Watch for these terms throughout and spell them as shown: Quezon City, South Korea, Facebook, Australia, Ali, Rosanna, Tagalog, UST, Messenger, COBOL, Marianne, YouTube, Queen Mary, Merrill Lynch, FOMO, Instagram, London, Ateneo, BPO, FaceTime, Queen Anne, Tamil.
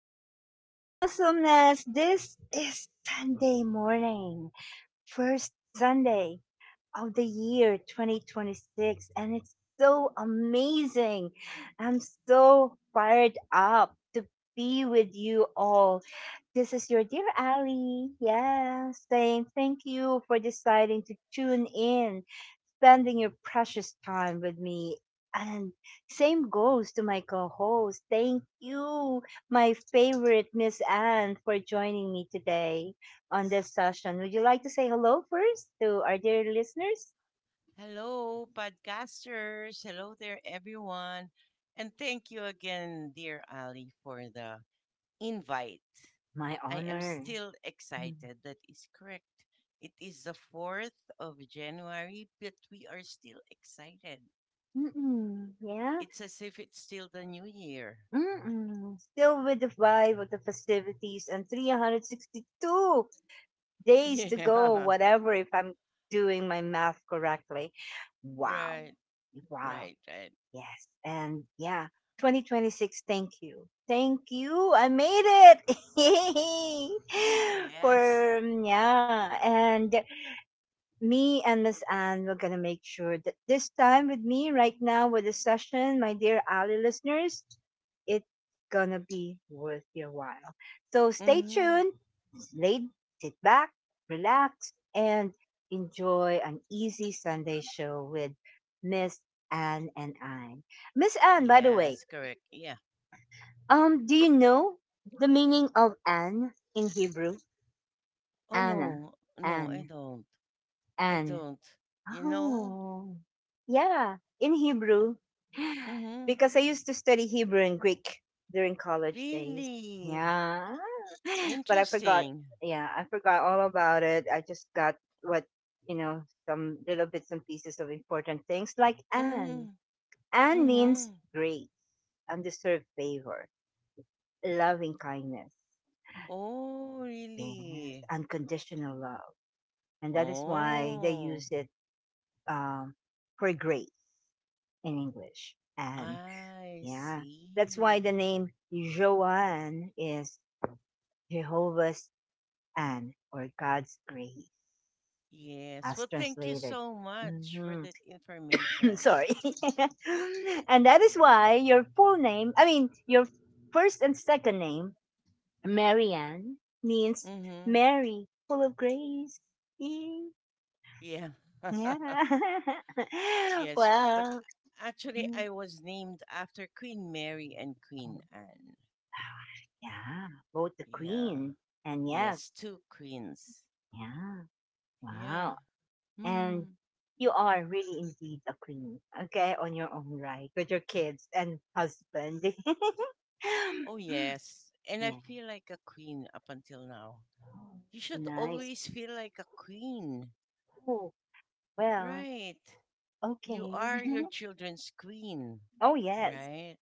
yay, awesomeness. This is Sunday morning, first Sunday of the year 2026, and it's so amazing. I'm so fired up to be with you all. This is your dear Ali, yeah, saying thank you for deciding to tune in spending your precious time with me. And same goes to my co host. Thank you, my favorite Miss Anne, for joining me today on this session. Would you like to say hello first to our dear listeners? Hello, podcasters. Hello there, everyone. And thank you again, dear Ali, for the invite. My I am honor. still excited. That is correct. It is the 4th of January, but we are still excited. Mm-mm, yeah. It's as if it's still the new year. Mm-mm. Still with the vibe of the festivities and 362 days to go, Yeah, whatever, if I'm doing my math correctly. Wow. right, Wow. right, right. Yes. And yeah, 2026, thank you. Thank you. I made it. Yay. Yes. And me and Miss Anne we're gonna make sure that this time with me right now with the session, my dear Ali listeners, it's gonna be worth your while. So stay Mm-hmm. tuned laid, sit back, relax, and enjoy an easy Sunday show with Miss Anne and I. Miss Anne, by the way, Yes, correct. Yeah. Do you know the meaning of Anne in Hebrew? Oh, Anna, no, no, I Anne, don't. I Anne. don't. You know? Oh, yeah, in Hebrew. Mm-hmm. Because I used to study Hebrew and Greek during college days. Really? Yeah. But I forgot. Interesting. Yeah, I forgot all about it. I just got what, you know, some little bits and pieces of important things like Anne. Mm-hmm. Anne means Mm-hmm. grace, undeserved favor, loving kindness. Oh, Yes, really? unconditional love. And that is why they Oh, use it, um, for grace in English. And. I Yeah. That's why see. the name Joanne is Jehovah's Anne or God's grace Yes. as Well, thank you translated. so much for hmm that information. Sorry. And that is why your full name, I mean, your first and second name, Marianne, means Mm-hmm. Mary, full of grace. Yay. Yeah. Yeah. Yes. But Well, actually, mm, I was named after Queen Mary and Queen Anne. yeah, both the Yeah. queen and Yes, yes. two queens. Yeah. Yeah. Wow. And Mm-hmm. you are really indeed a queen, okay, on your own right, with your kids and husband. Oh, yes. And I Yeah, feel like a queen up until now. You should nice. always feel like a queen, Oh, well, right? You okay. are your children's queen, Oh, yes, right?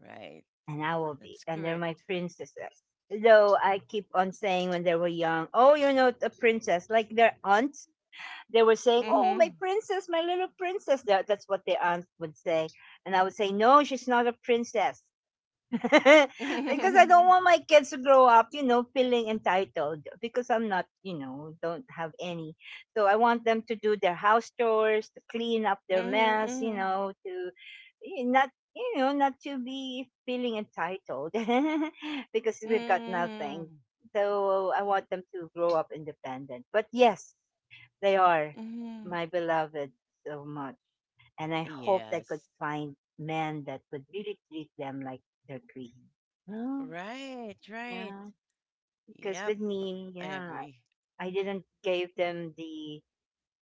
Right. and I will be, That's and they're my correct. princesses. Though I keep on saying when they were young, oh, you're not a princess. Like their aunts, they were saying, oh, Mm-hmm. my princess, my little princess. That- That's what their aunt would say. And I would say, no, she's not a princess. Because I don't want my kids to grow up, you know, feeling entitled because I'm not, you know, don't have any. So I want them to do their house chores, to clean up their Mm-hmm. mess, you Mm-hmm. know, to eh, not, you know, not to be feeling entitled because we've got nothing. Mm-hmm. So I want them to grow up independent. But yes, they are Mm-hmm. my beloved so much. And I hope I could Yes. find men that would really treat them like they're queen. No. Right, right. Yeah, because Yep. with me, I yeah, agree. I didn't give them the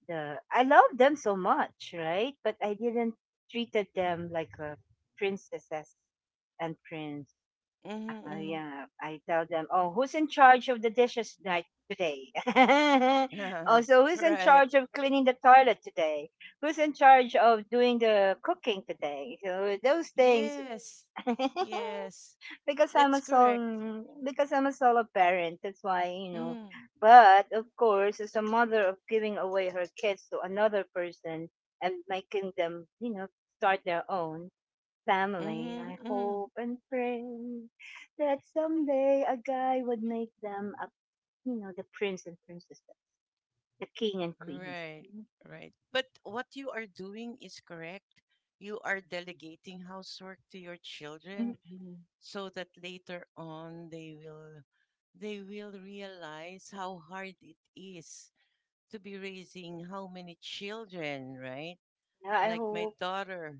the I love them so much, right? But I didn't treated them like a princesses and prince. Oh Mm-hmm. yeah, I tell them, "Oh, who's in charge of the dishes night today?" Also, who's in Right. charge of cleaning the toilet today? Who's in charge of doing the cooking today? So those things. Yes. Yes. Because I'm a That's correct. solo, because I'm a solo parent, that's why, you know. Mm. But of course, as a mother of giving away her kids to another person and making them, you know, start their own, family. I Mm-hmm. Mm. hope and pray that someday a guy would make them a, you know, the prince and princess, the king and queens. Right. Right. But what you are doing is correct. You are delegating housework to your children Mm-mm. so that later on they will realize how hard it is to be raising how many children, right? Yeah, I Like my hope. daughter.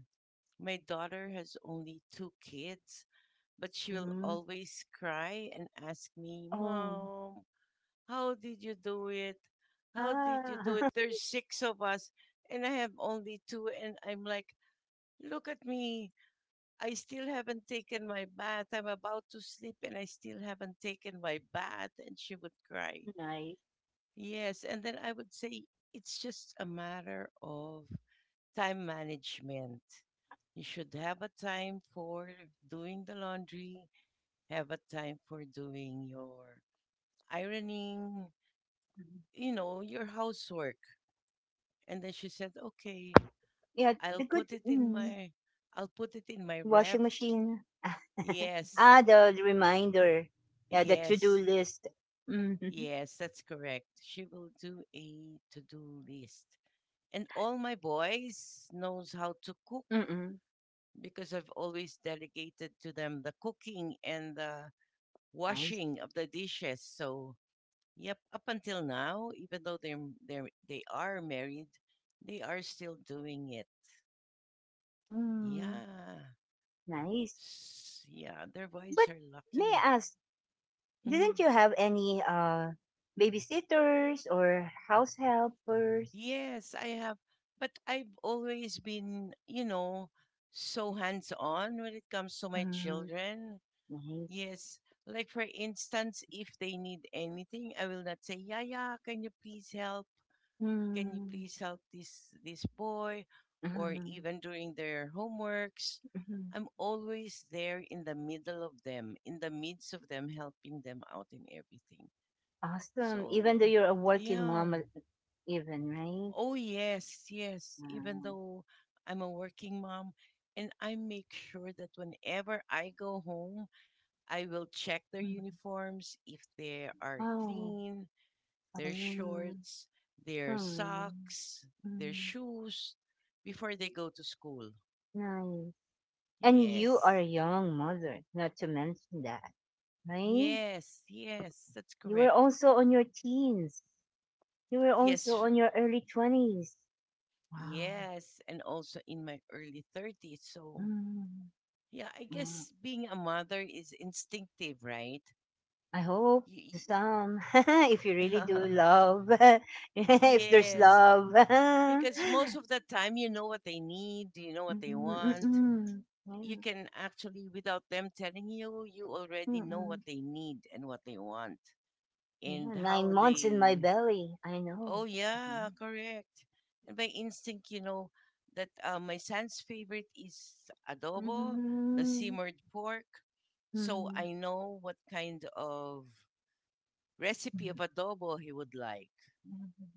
My daughter has only two kids, but she will Hmm. always cry and ask me, Oh, "Mom, how did you do it? How did you do it? ah, There's six of us, and I have only two." And I'm like, "Look at me. I still haven't taken my bath. I'm about to sleep, and I still haven't taken my bath." And she would cry. nice. Yes. And then I would say, "It's just a matter of time management. You should have a time for doing the laundry, have a time for doing your ironing, Mhm. Your housework." And then she said, "Okay, Yeah, I'll the good put it in mm, my, I'll put it in my washing ref." machine. Yes, The reminder. Yeah, the to-do yes, list. Mm-hmm. yes, that's correct. She will do a to-do list. And all my boys knows how to cook Mm-mm. because I've always delegated to them the cooking and the Nice. washing of the dishes. So yep, up until now, even though they are married, they are still doing it. Mm, Yeah. nice. S- Yeah, their wives But are may lucky. I ask Hmm. didn't you have any babysitters or house helpers? Yes, I have, but I've always been, so hands-on when it comes to my Mm, children. nice. Yes, like for instance, if they need anything, I will not say, "Yeah, yeah, can you please help? Can you Mm, please help this boy, or mm, even during their homeworks?" hmm. I'm always there in the middle of them, in the midst of them, helping them out in everything. Awesome. Even though So you're a working yeah. mom, even right? Oh yes, yes, even Mm, though I'm a working mom, and I make sure that whenever I go home, I will check their mm. uniforms if they are Oh, clean, their um, shorts, their mm, socks, their mm, shoes before they go to school. nice. And you are a Yes, young mother, not to mention that, right? yes, yes, that's You were correct. also on your teens. You were also Yes, on your early twenties. Wow. yes, and also in my early 30s. So, Mm, yeah, I uh, guess being a mother is instinctive, right? I hope to Y- some if you really do y- love if there's yes, love because most of the time you know what they need, you know what Mm, they mm, want. mm, yeah, You can actually, without them telling you, you mm, already know what mm. they need and what they want and Yeah, how 9 months in my they. belly I Oh know. yeah, correct. And by instinct, you know that my son's favorite is adobo, the Mm, simmered pork. So mm, I know what kind of recipe of mm. adobo he would like.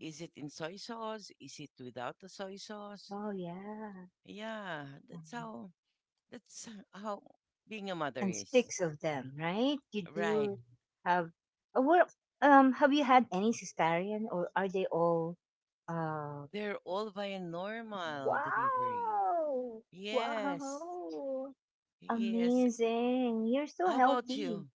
Is it in soy sauce? Is it without the soy sauce? Oh yeah. Yeah, that's Mhm. how that's how being a mother And is. six of them right you Right. do have what have you had any cesarean or are they all Uh, They're all via normal delivery. wow! Yes. Wow! Yes. Amazing. You're so How about healthy. you?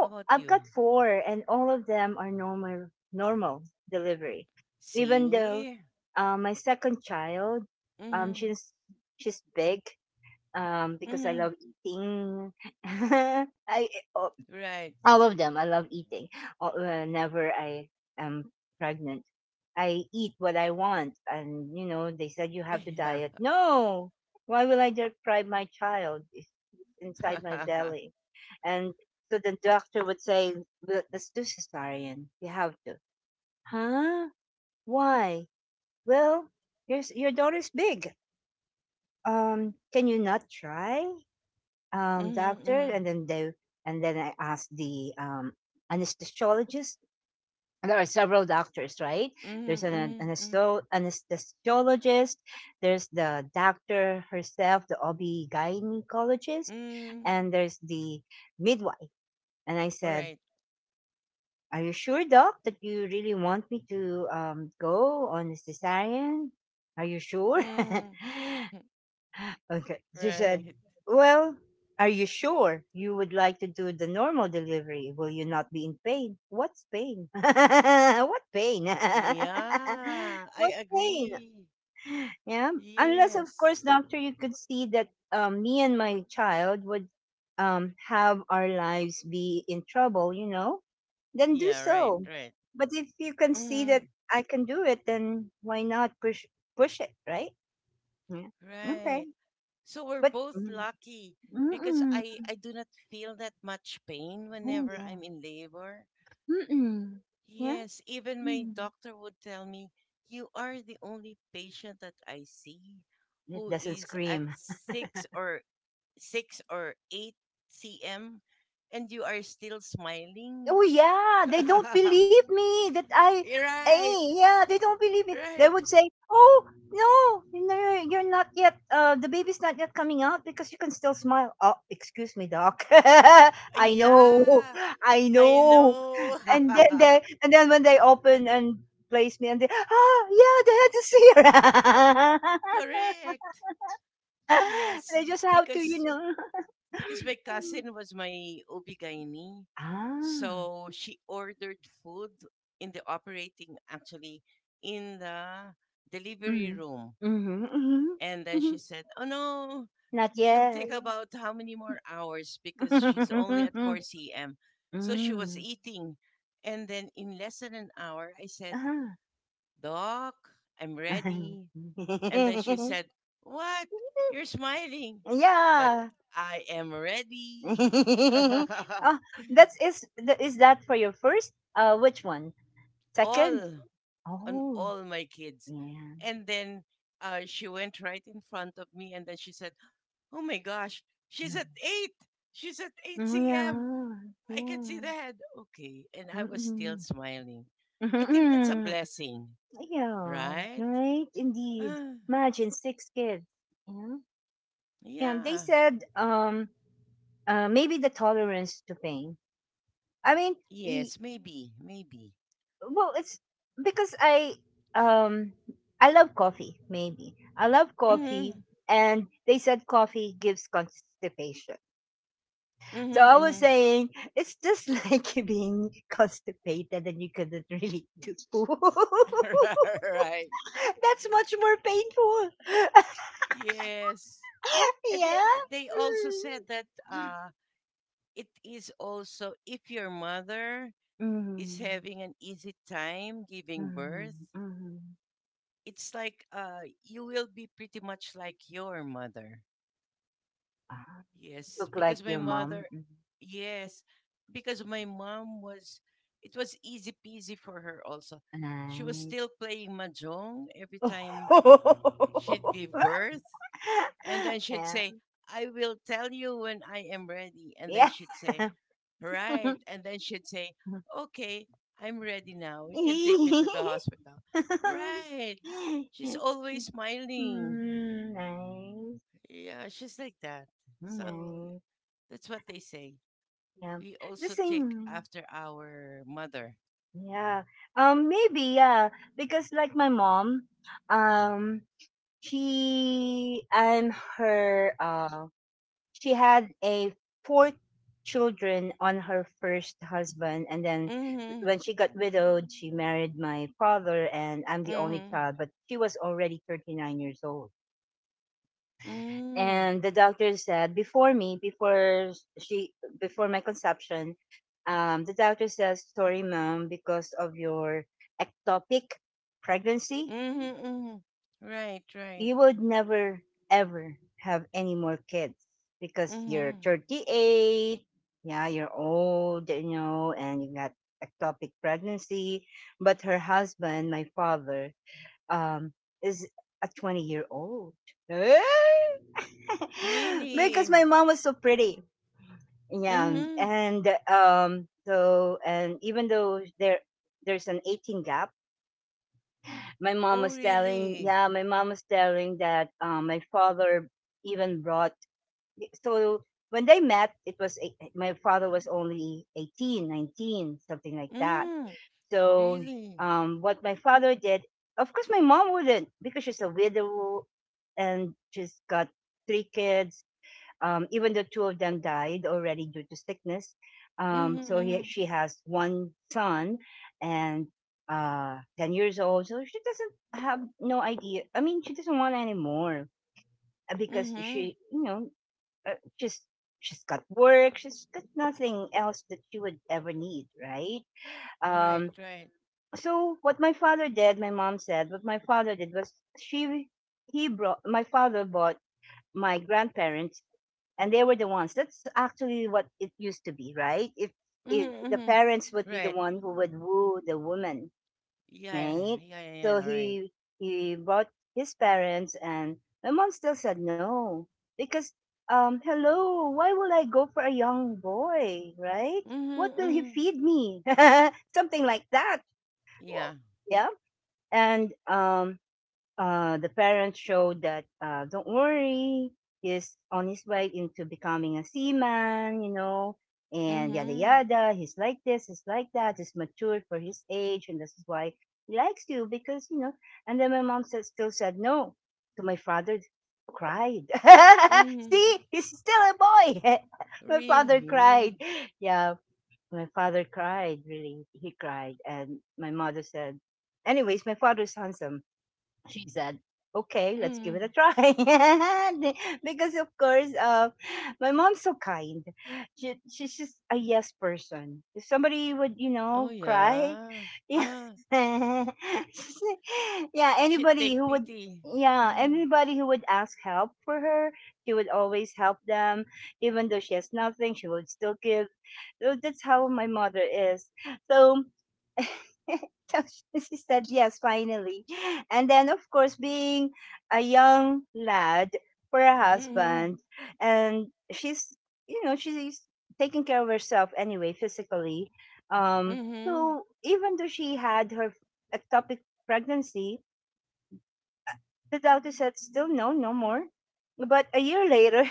How about I've you? got four and all of them are normal delivery. Even though See? My second child, um Mm-hmm. she's she's big because I Mm-hmm. love eating. I Right. all of them. I love eating. Whenever I am pregnant, I eat what I want. And, you know, they said you have to Yeah. diet. No! Why will I deprive my child? It's inside my belly. And so the doctor would say, "Well, let's do cesarean. You have to. Huh? Why? Well, your, s- your daughter's big. Can you not try? Mm-hmm. Doctor? Mm-hmm. And then they, and then I asked the, anesthesiologist. And there are several doctors, right? There's an Mm-hmm. Mm-hmm. Anesthesiologist, there's the doctor herself, the OB-gynecologist, Mm-hmm. and there's the midwife. And I said, Right. are you sure, doc, that you really want me to, go on a cesarean? Are you sure? Mm-hmm. Okay. She said, Right. well, are you sure you would like to do the normal delivery? Will you not be in pain? What's pain? what pain? Yeah. I what pain? agree. Yeah. Unless, of Yes. course, doctor, you could see that me and my child would, have our lives be in trouble, you know, then do Yeah, right, so. right. But if you can see Mm. that I can do it, then why not push it, right? Yeah. Okay. Right. So we're But both mm, lucky because mm-mm. I do not feel that much pain Oh, whenever I'm yeah. in labor. Mm-mm. Yeah. Yes, even my Mm. doctor would tell me, "You are the only patient that I see It who doesn't is at scream. 6 or 8 cm and you are still Oh smiling." yeah, they don't believe me that I Right. yeah, they don't believe me. They Right. would say, "Oh no, no, you're not yet. The baby's not yet coming out because you can still smile." Oh, excuse me, doc. I know, Yeah. I I know. know. And then they, and then when they open and place me, and they, ah, yeah, they had to see her. Correct. They Yes, just have to, you because know. because my Um, cousin was my ob, ah. so she ordered food in the operating, actually in the delivery Mhm. room. Mhm, mhm, And then she mhm. said, "Oh no, Not she'll take yet. About how many more hours because she's only at 4 p.m." So she was Mm. eating. And then in less than an hour, I said, Uh-huh. "Doc, I'm ready." And then she said, "What? You're smiling." But Yeah. I am ready. Oh, that's is th- is that for your first? Which one? Second? all Oh, all my kids. yeah. And then she went right in front of me and then she said, "Oh my gosh, she's at 8. She's at 8 Mm, p.m. yeah. I can Yeah. see the head." Okay. And I was still Mm-mm. smiling. I think that's a Mm-mm. blessing, Yeah. right? Right? Indeed. Ah, Imagine six kids. Yeah, they yeah. said maybe the tolerance to pain. I mean, y- Yes, maybe, maybe. well, it's because um I love coffee. Maybe I love coffee, Mm-hmm. and they said coffee gives constipation. So Mm-hmm, I was mm-hmm. saying it's just like you being constipated and you couldn't really do poo. Right. That's much more painful. Yes. And they Yeah. they also said that it is also if your mother Mm. is Hmm. having an easy time giving birth, Hmm. it's like you will be pretty much like your mother. Mm. Yes, Look like because my your mom. mother Mhm. yes, because my mom was it was easy peasy for her also. She was Nice. still playing mahjong every time she'd give birth. And then she'd Yeah. say, "I will tell you when I am ready." And Yeah. then she'd say, "Right." And then she'd say, "Okay, I'm ready now. You can take me to the hospital." Right. She's always smiling. Mm, nice. Yeah, she's like that. So Nice. that's what they say. Yeah. We The also take same. after our mother. Yeah. Maybe, yeah. Because like my mom, um, she, I'm her, she had a four children on her first husband and then when Mm she got widowed she married my father and I'm the only hmm. child Mm but she was already 39 years old. hmm. Mm hmm. And the doctor said before me, before she, before my conception, the doctor says sorry mom because of your ectopic pregnancy Mm hmm. Mm-hmm. Right, right. you would never ever have any more kids because Mm you're hmm. 38, yeah you're old you know and you got ectopic pregnancy. But her husband my father um is a 20-year old. Eh? Because Really? my mom was so pretty, yeah. Mm hmm. and so and even though there's an 18 gap. Oh, really? My mom was telling that, my father even brought, so when they met it was eight, eh, my father was only 18, 19, something like that. Mm, So, really? What my father did, of course my mom wouldn't because she's a widow and she's got three kids, even though two of them died already due to sickness, Mm-hmm, mm-hmm, she has one son and 10 years old. So she doesn't have no idea. I mean, she doesn't want anymore, because mm-hmm. she, you know, uh, just she's got work. She's got nothing else that she would ever need, right? Right, Um, right. so what my father did, my mom said, what my father did was she he brought, my father bought my grandparents and they were the ones that's actually what it used to be right. If Mm-hmm, the mm-hmm. parents would be the Right. one who would woo the woman, Yeah, right? yeah, yeah, So yeah, right. he brought his parents and my mom still said no. Because hello, why will I go for a young boy, right? Mm-hmm, What will he mm-hmm. feed me? Something like that. Yeah. Well, yeah. and The parents showed that, don't worry, he's on his way into becoming a seaman, you know, and yada Mm-hmm, yada. He's like this, he's like that, he's matured for his age, and this is why he likes you because you know. And then my mom said, still said no. So my father cried. mm-hmm. See, he's still a boy. My father Really? cried. Yeah, my father cried. Really, he cried, and my mother said, "Anyways, my father's handsome." She said, okay, let's give it Mm-hmm. a try. Because of course, my mom's so kind. She's just a yes person. If somebody would, Oh, cry, yeah. yeah, Ah, yeah, should anybody take who would, pity. yeah, Ah, anybody who would ask help for her, she would always help them. Even though she has nothing, she would still give. So that's how my mother is. So, so she said yes, finally. And then, of course, being a young lad for a mm-hmm, husband, and she's, she's taking care of herself anyway, physically. Um, mm-hmm. so even though she had her ectopic pregnancy, the doctor said, still no, no more. But a year later,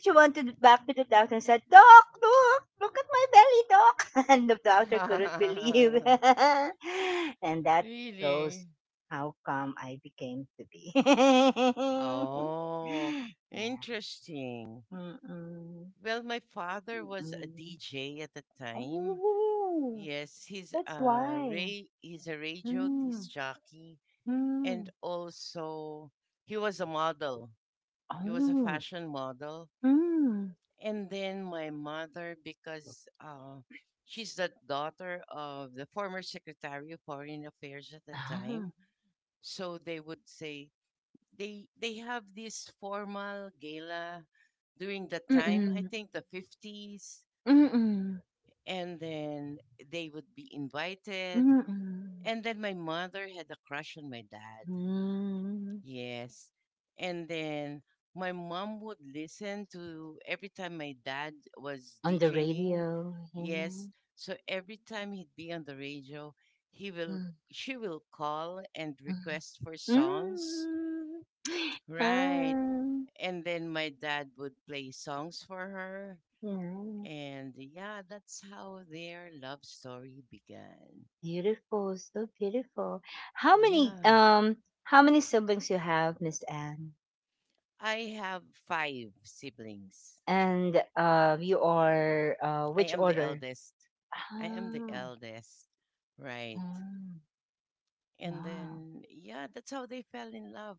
she wanted back to the doctor and said, Doc, look, look at my belly, doc. And the doctor couldn't believe. And that shows Really? how come I became to be. Yeah. Oh, interesting. Mm-mm. Well, my father was a Mm-mm. DJ at the time. Oh, Yes, he's that's a why. Ray. He's a radio Mm. disc jockey, and Mm. also he was a model. He was a Oh. fashion model. Mm. And then my mother, because she's the daughter of the former Secretary of Foreign Affairs at the Ah. time, so they would say they have this formal gala during the time. I Mm-mm. think the 50s, Mm-mm. and then they would be invited. Mm-mm. And then my mother had a crush on my dad. Mm. Yes. And then my mom would listen to every time my dad was On the DJing. radio, yeah. Yes. So every time he'd be on the radio, he will Mm, she will call and mm, request for songs. mm. Right. Ah, And then my dad would play songs for her. yeah. And yeah, that's how their love story began. Beautiful, so beautiful. How many Yeah. um how many siblings you have, Miss Anne? I have five siblings. And you are I which am the order? eldest. I am the Oh, eldest. Right. mm, And wow, then, yeah, that's how they fell in love.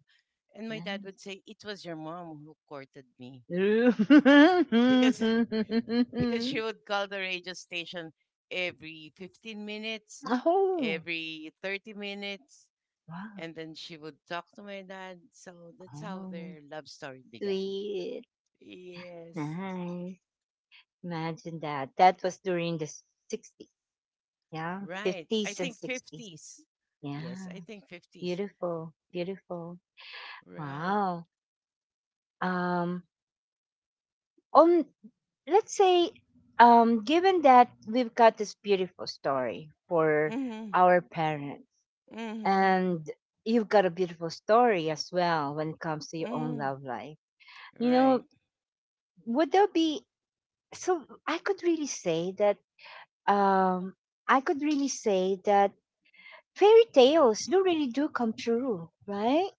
And my dad nice. would say, "It was your mom who courted me." Oh, Because because she would call the radio station every 15 minutes, wow, every 30 minutes, and then she would talk to my dad. So that's how oh, their love story began. sweet, Yes. nice. Imagine that. That was during the 60s. Yeah. Right. I 50s and think 60s. 50s. Yes, Yeah. I think 50s. Beautiful. Beautiful. Right. Wow. Um on, let's say, given that we've got this beautiful story for Mhm. our parents, Mhm. and you've got a beautiful story as well when it comes to your own Mhm. love life. You Right. know, would there be, so I could really say that um I could really say that fairy tales do really do come true, right?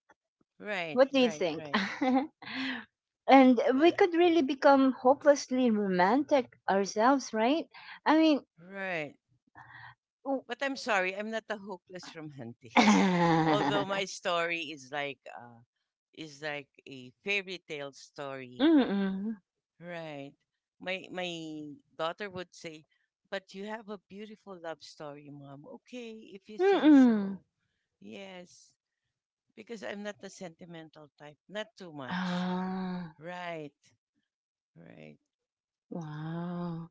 Right. What do you Right. think? Right. And Well, we could really become hopelessly romantic ourselves, right? I mean, right. w- But I'm sorry, I'm not a hopeless romantic. Although my story is is like a fairy tale story. mm-mm, Right. My daughter would say, "But you have a beautiful love story, mom." Okay, if you say mm-mm. so. Yes, because I'm not the sentimental type. Not too much. Ah, Right. Right. wow,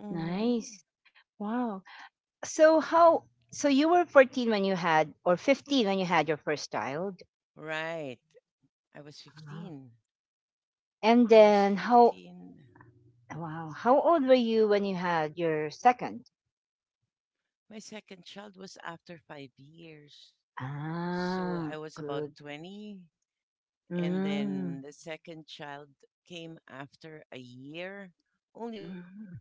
Mhm. nice, wow. So how? So you were 14 when you had, or 15 when you had your first child. Right. I was Ah. 15. And I was then how? 15. Wow, how old were you when you had your second? My second child was after 5 years. So Ah, I was about good. 20. And Mm. then the second child came after a year, only one Mm, year.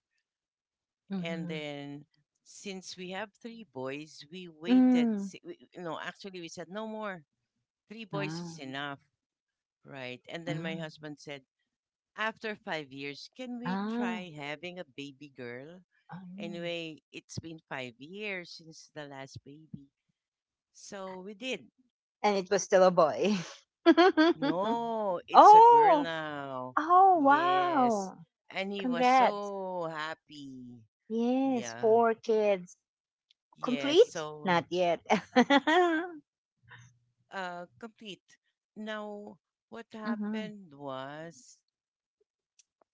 And mhm, then since we have three boys, we waited. mm. No, actually, we said no more. Three boys Ah, is enough, right? And then my mm. husband said, "After 5 years, can we Ah, try having a baby girl? ayun. Anyway, it's been 5 years since the last baby." So we did. And it was still a boy. No, it's a girl Oh! now. Oh, Yes. wow! And he was Congrats. so happy. Yes, Yeah. four kids. Yes. Complete? So, Not yet. Complete. Now, what Mhm, happened was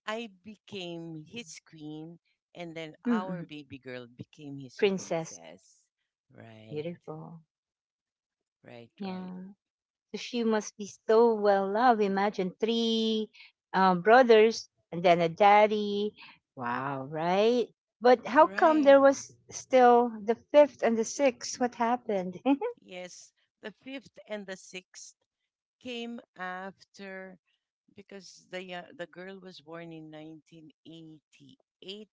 I became his queen, and then mm, our mm. baby girl became his Princess. princess. Right. Beautiful. Right, right, Yeah. So she must be so well loved. Imagine three brothers and then a daddy. Wow, right? But how come right. there was still the fifth and the sixth? What happened? Yes, the fifth and the sixth came after because the girl was born in 1988,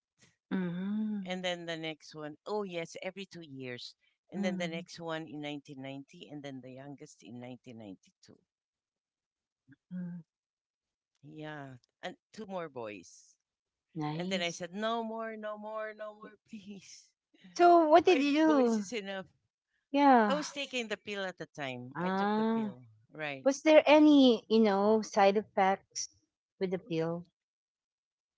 and Mm, then the next one, oh yes, every 2 years, and then the mm, next one in 1990, and then the youngest in 1992. mm. Yeah, and two more boys, and then I Nice. said, "No more, no more, no more, please." So what did Five you boys do? is enough. I Yeah. was taking the pill at the time. I took the Ah. pill. Right. Was there any, you know, side effects with the pill?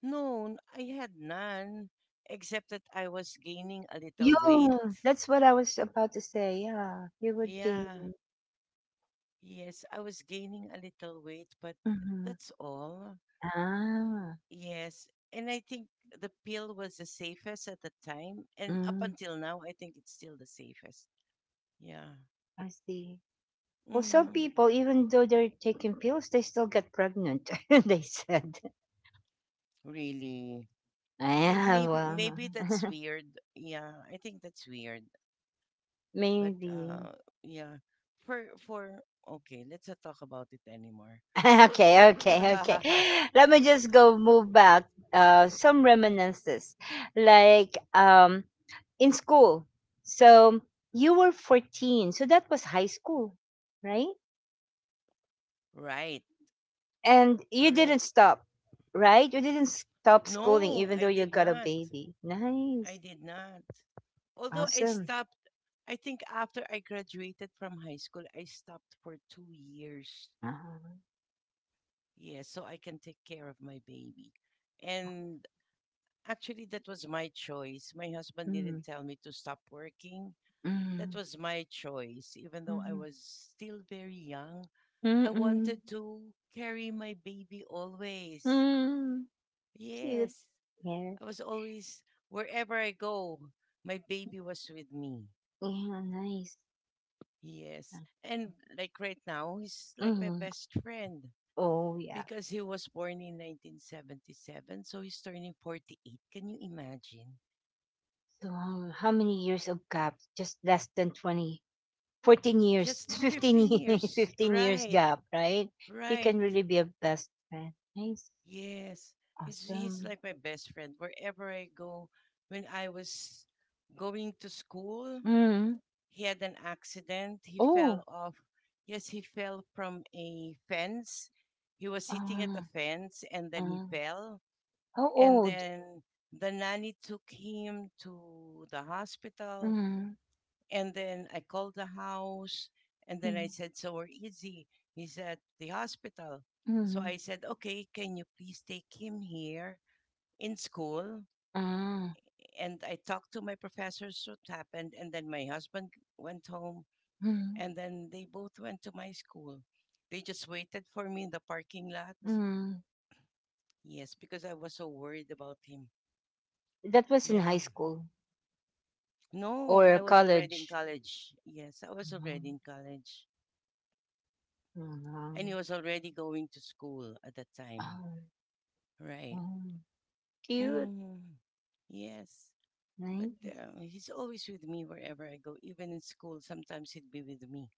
No, I had none, except that I was gaining a little weight. You. That's what I was about to say. Yeah, you would Yeah. gain. Yes, I was gaining a little weight, but Mm-hmm. that's all. Ah. Yes. And I think the pill was the safest at the time. And up Mm, until now, I think it's still the safest. Yeah. I see. Well, some Hmm. people, even though they're taking pills, they still get pregnant. They said, Really? Well, "Yeah, maybe, well, maybe that's weird. Yeah, I think that's weird. But maybe." Yeah, for okay, let's not talk about it anymore. Okay, okay, okay. Let me just go move back. Some reminiscences, like in school. So you were 14, so that was high school, right? Right. And you didn't Correct. stop, right? You didn't stop schooling, No, even I though you did got a not. baby. I Nice, did not. Although I awesome. stopped, I think after I graduated from high school, I stopped for 2 years. Ah, Yeah, so I can take care of my baby. And actually, that was my choice. My husband didn't mm, tell me to stop working. That mm, was my choice, even though I mm, was still very young. I mm, wanted to carry my baby always. mm, cute. Yes, Yeah, I was always wherever I go, my baby was with me. yeah, nice. Yes, and like right now, he's like my Mm, best friend oh, yeah. because he was born in 1977, so he's turning 48. Can you imagine? So, how many years of gap? Just less than 20, 14 years, Just 15, 15 ye- years, 15 years right? gap, right? You can Right. really be a best friend. Nice. Yes, he's Awesome. like my best friend wherever I go. When I was going to school, Mm. he had an accident. He fell Oh, off. Yes, he fell from a fence. He was sitting at a uh, fence and then he uh, fell. how And old? then the nanny took him to the hospital. Mm, And then I called the house. And then I mm, said, "So where is he? He's at the hospital." So mm, I said, "Okay, can you please take him here in school?" ah, And I talked to my professors what happened. And then my husband went home mm, and then they both went to my school. They just waited for me in the parking lot. mm. Yes, because I was so worried about him. That was in high Yeah. school No, or I was already in college. college. Yes, I was Mhm, already in college. And he mhm. was already going to school at that time. Oh, Right. oh, cute. Mm, yes. But Nice. He's always with me wherever I go. Even in school, sometimes he'd be with me.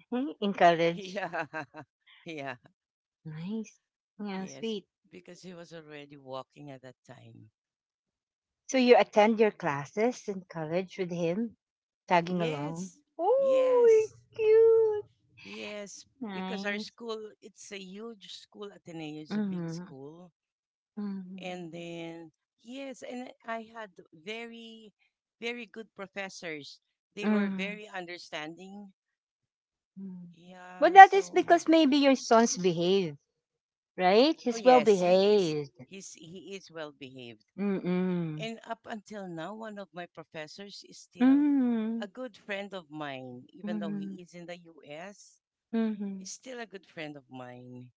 In college. Yeah. Yeah. Nice. Yeah, Yes. sweet. Because he was already walking at that time. So you attend your classes in college with him, tagging along. Yes, Oh, yes, cute. yes. Because our Nice. school, it's a huge school. Ateneo is a big Mm-hmm. school. Mm-hmm. And mm-hmm, then, yes, and I had very, very good professors. They were Hmm. very understanding. But Yeah, that is so, because maybe your son's behave, right? oh, He's nice, well yes, he is, behaved. He is well behaved. Mm-mm. And up until now, one of my professors is still Mm-mm. a good friend of mine, even though he Mm-mm. is in the US. He's Mhm. still a good friend of mine.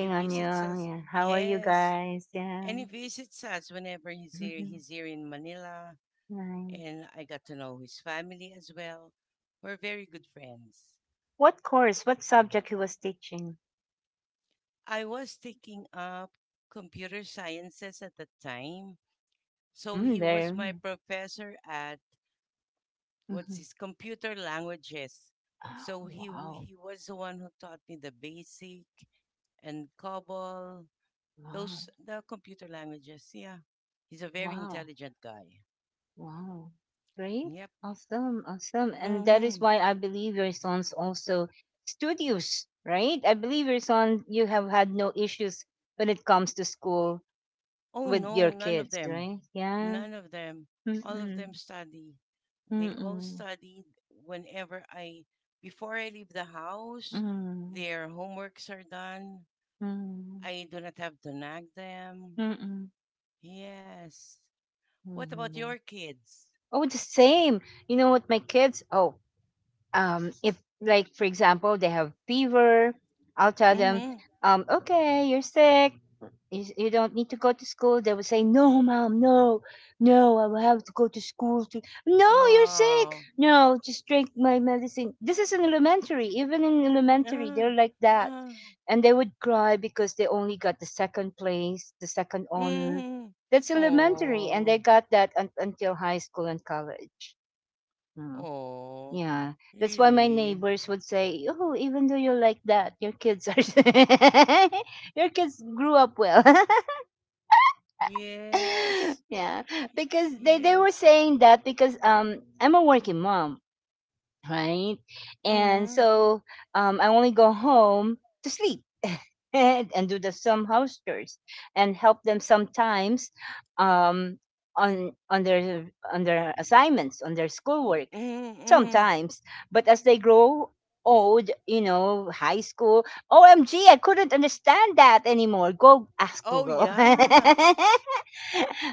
He on you, visits us. yeah. How are you Yes. guys? Yeah. And he visits us whenever he's here. Mhm. He's here in Manila. Nice. And I got to know his family as well. We're very good friends. What course? What subject he was teaching? I was taking up computer sciences at the time. So Mm, he was there. my professor at what's Mm-hmm. his computer languages. So he Wow. he was the one who taught me the basic and COBOL. Those Wow. the computer languages. Yeah. He's a very Wow. intelligent guy. Wow. Great. Yep. Awesome. Awesome. And that is Mm-hmm. why I believe your son's also studious, right? I believe your son, you have had no issues when it comes to school Oh with no, your none of kids, them. right? Yeah. None of them. All of Mm-mm. them study. They all Mm-mm. study whenever I, before I leave the house, Mm. their homeworks are done. Mm, I do not have to nag them. mm-mm, Yes. What about mhm. your kids? Oh, the same. You know what, my kids? Oh, if like for example they have fever, I'll tell them, Mm-hmm. Okay, you're sick. You, s- you don't need to go to school. They will say, no, mom, no, no, I will have to go to school to. No, you're sick. Wow. No, just drink my medicine. This is in elementary. Even in elementary, Ah, they're like that. ah, And they would cry because they only got the second place, the second honor. mm-hmm. That's elementary, and Oh. they got that un- until high school and college. Mm. Oh, Yeah, that's why my really? neighbors would say, "Oh, even though you're like that, your kids are your kids grew up well." Yes. Yeah, Y- because they were yes. saying that because I'm a working mom. Right? And Mm-hmm. so I only go home to sleep and do the some house chores and help them sometimes, um, on on their assignments, on their Mm-hmm. schoolwork Mm-hmm. sometimes. But as they grow old, you know, high school, OMG, I couldn't understand that anymore. Go ask Oh, Google. yeah.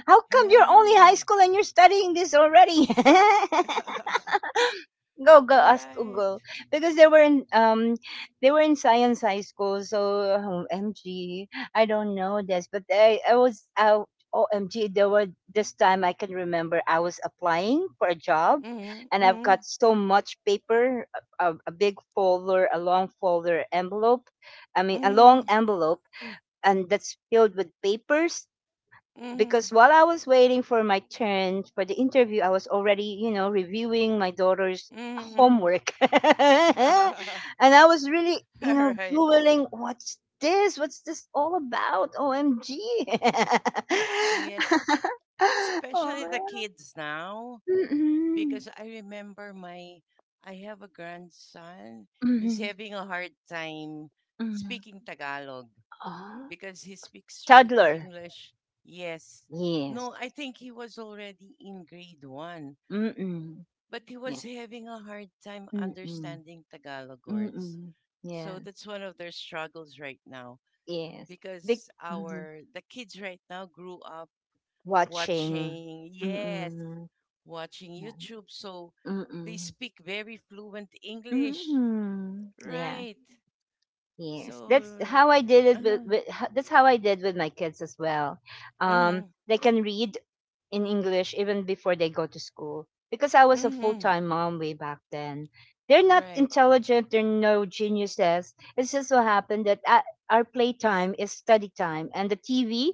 How come you're only Yeah. high school and you're studying this already? Go, go, ask Google. Right. Because they were in science high school, so oh, MG. I don't know this, but I was out OMG, there were this time I can remember I was applying for a job and Mm-hmm. I've Mm-hmm. got so much paper, a, a big folder, a long folder envelope. I mean a long Mm-hmm. envelope, and that's filled with papers Mm-hmm. because while I was waiting for my turn for the interview, I was already, you know, reviewing my daughter's Mm-hmm. homework. And I was really, you know, Right. Googling what's this? What's this all about? OMG. Yes. Especially the Oh, kids now, mm-mm, because I remember I have a grandson. He's mm-mm, having a hard time mm-mm. speaking Tagalog, Ah, because he speaks straight toddler. English. Yes. Yes. No, I think he was already in grade one, Mm-mm. but he Yeah. was having a hard time Mm-mm, understanding Tagalog words. mm-mm. So Yes. that's one of their struggles right now Yes. Big. because our the kids right now grew up Watching. watching, yes, Mm. watching Yan. YouTube. So they Mm. speak very fluent English. Mm. Yeah. Right. Yes. That's So, how I did it mm-hmm, with ho- that's how I did with my kids as well. They can read in English even before they go to school because I was a full mm-hmm, time mom way back then. They're not right. intelligent, they're no geniuses. It's just so happened that a- our playtime is study time, and the TV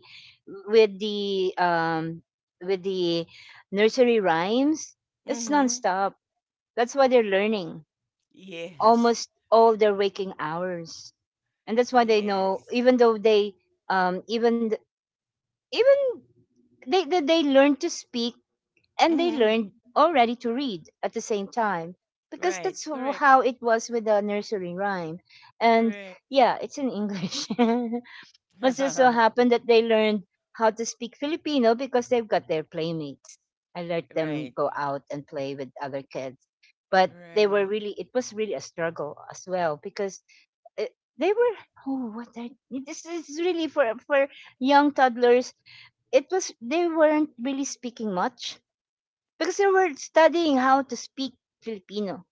with the um, with the nursery rhymes, it's Mm-hmm. nonstop. That's why they're learning Yes. almost all their waking hours, and that's why they know. Yes. Even though they, even th- even they learn to speak and they Mm-hmm. learned already to read at the same time because Right. that's w- Correct. how it was with the nursery rhyme, and Correct. yeah, it's in English. It just so happened that they learned how to speak Filipino because they've got their playmates. I let them Right. go out and play with other kids, but they were Right. really, it was really a struggle as well because uh, they were, oh what are, this is really for young toddlers. It was, they weren't really speaking much because they were studying how to speak Filipino.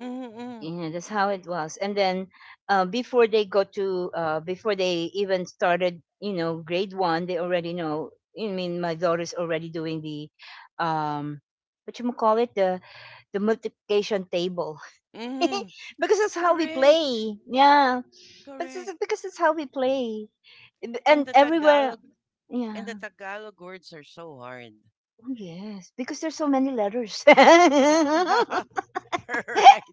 Mm-hmm. You know, that's how it was. And then before they go to, before they even started, you know, grade one, they already know. I mean, my daughter's already doing the, um, what you call it, the multiplication table, Mm-hmm. because that's how we Correct. play. Yeah, that's Correct. just- because that's how we play. And And the everywhere. Tagalog, and the Yeah, Tagalog words are so hard. oh, yes, because there's so many letters. Right.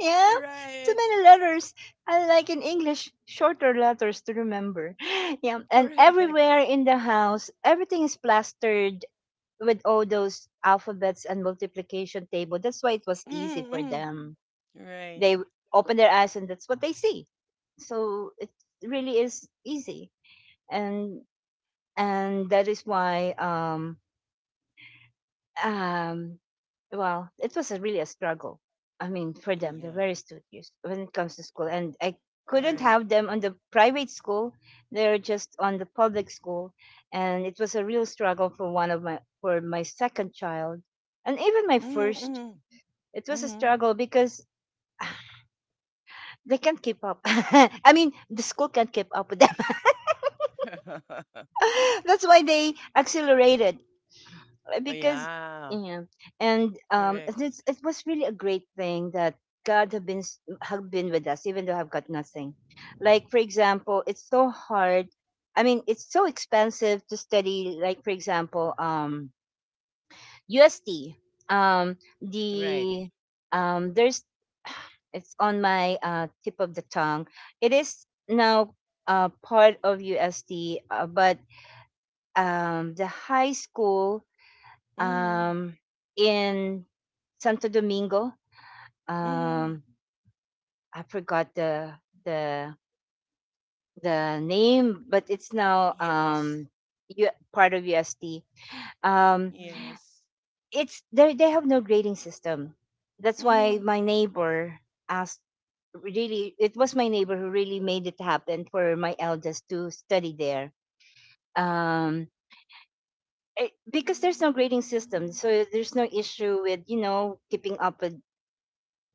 Yeah, so Right. many letters. I like in English, shorter letters to remember. Yeah, and Correct. everywhere in the house, everything is plastered with all those alphabets and multiplication table. That's why it was easy for Mm-hmm. them. Right. They w- open their eyes and that's what they see. So it really is easy, and and that is why um well, it was a, really a struggle. I mean, for them, they're Yeah. very studious when it comes to school, and I couldn't Right. have them on the private school. They're just on the public school, and it was a real struggle for one of my for my second child, and even my first. Mm-hmm. It was a Mm-hmm. struggle because they can't keep up. I mean, the school can't keep up with them. That's why they accelerated Oh, because yeah. yeah and Correct. it was really a great thing that God have been with us even though I've got nothing. Like for example, it's so hard. I mean, it's so expensive to study. Like for example, USD, um Right. the there's it's on my tip of the tongue. It is now part of USD, but the high school, Mm-hmm. um, in Santo Domingo, Mm-hmm. um, I forgot the the name, but it's now Yes. U- part of UST. Um, Yes. it's they have no grading system. That's why Mm-hmm. my neighbor asked. Really, it was my neighbor who really made it happen for my eldest to study there. Um, because there's no grading system, so there's no issue with you know keeping up with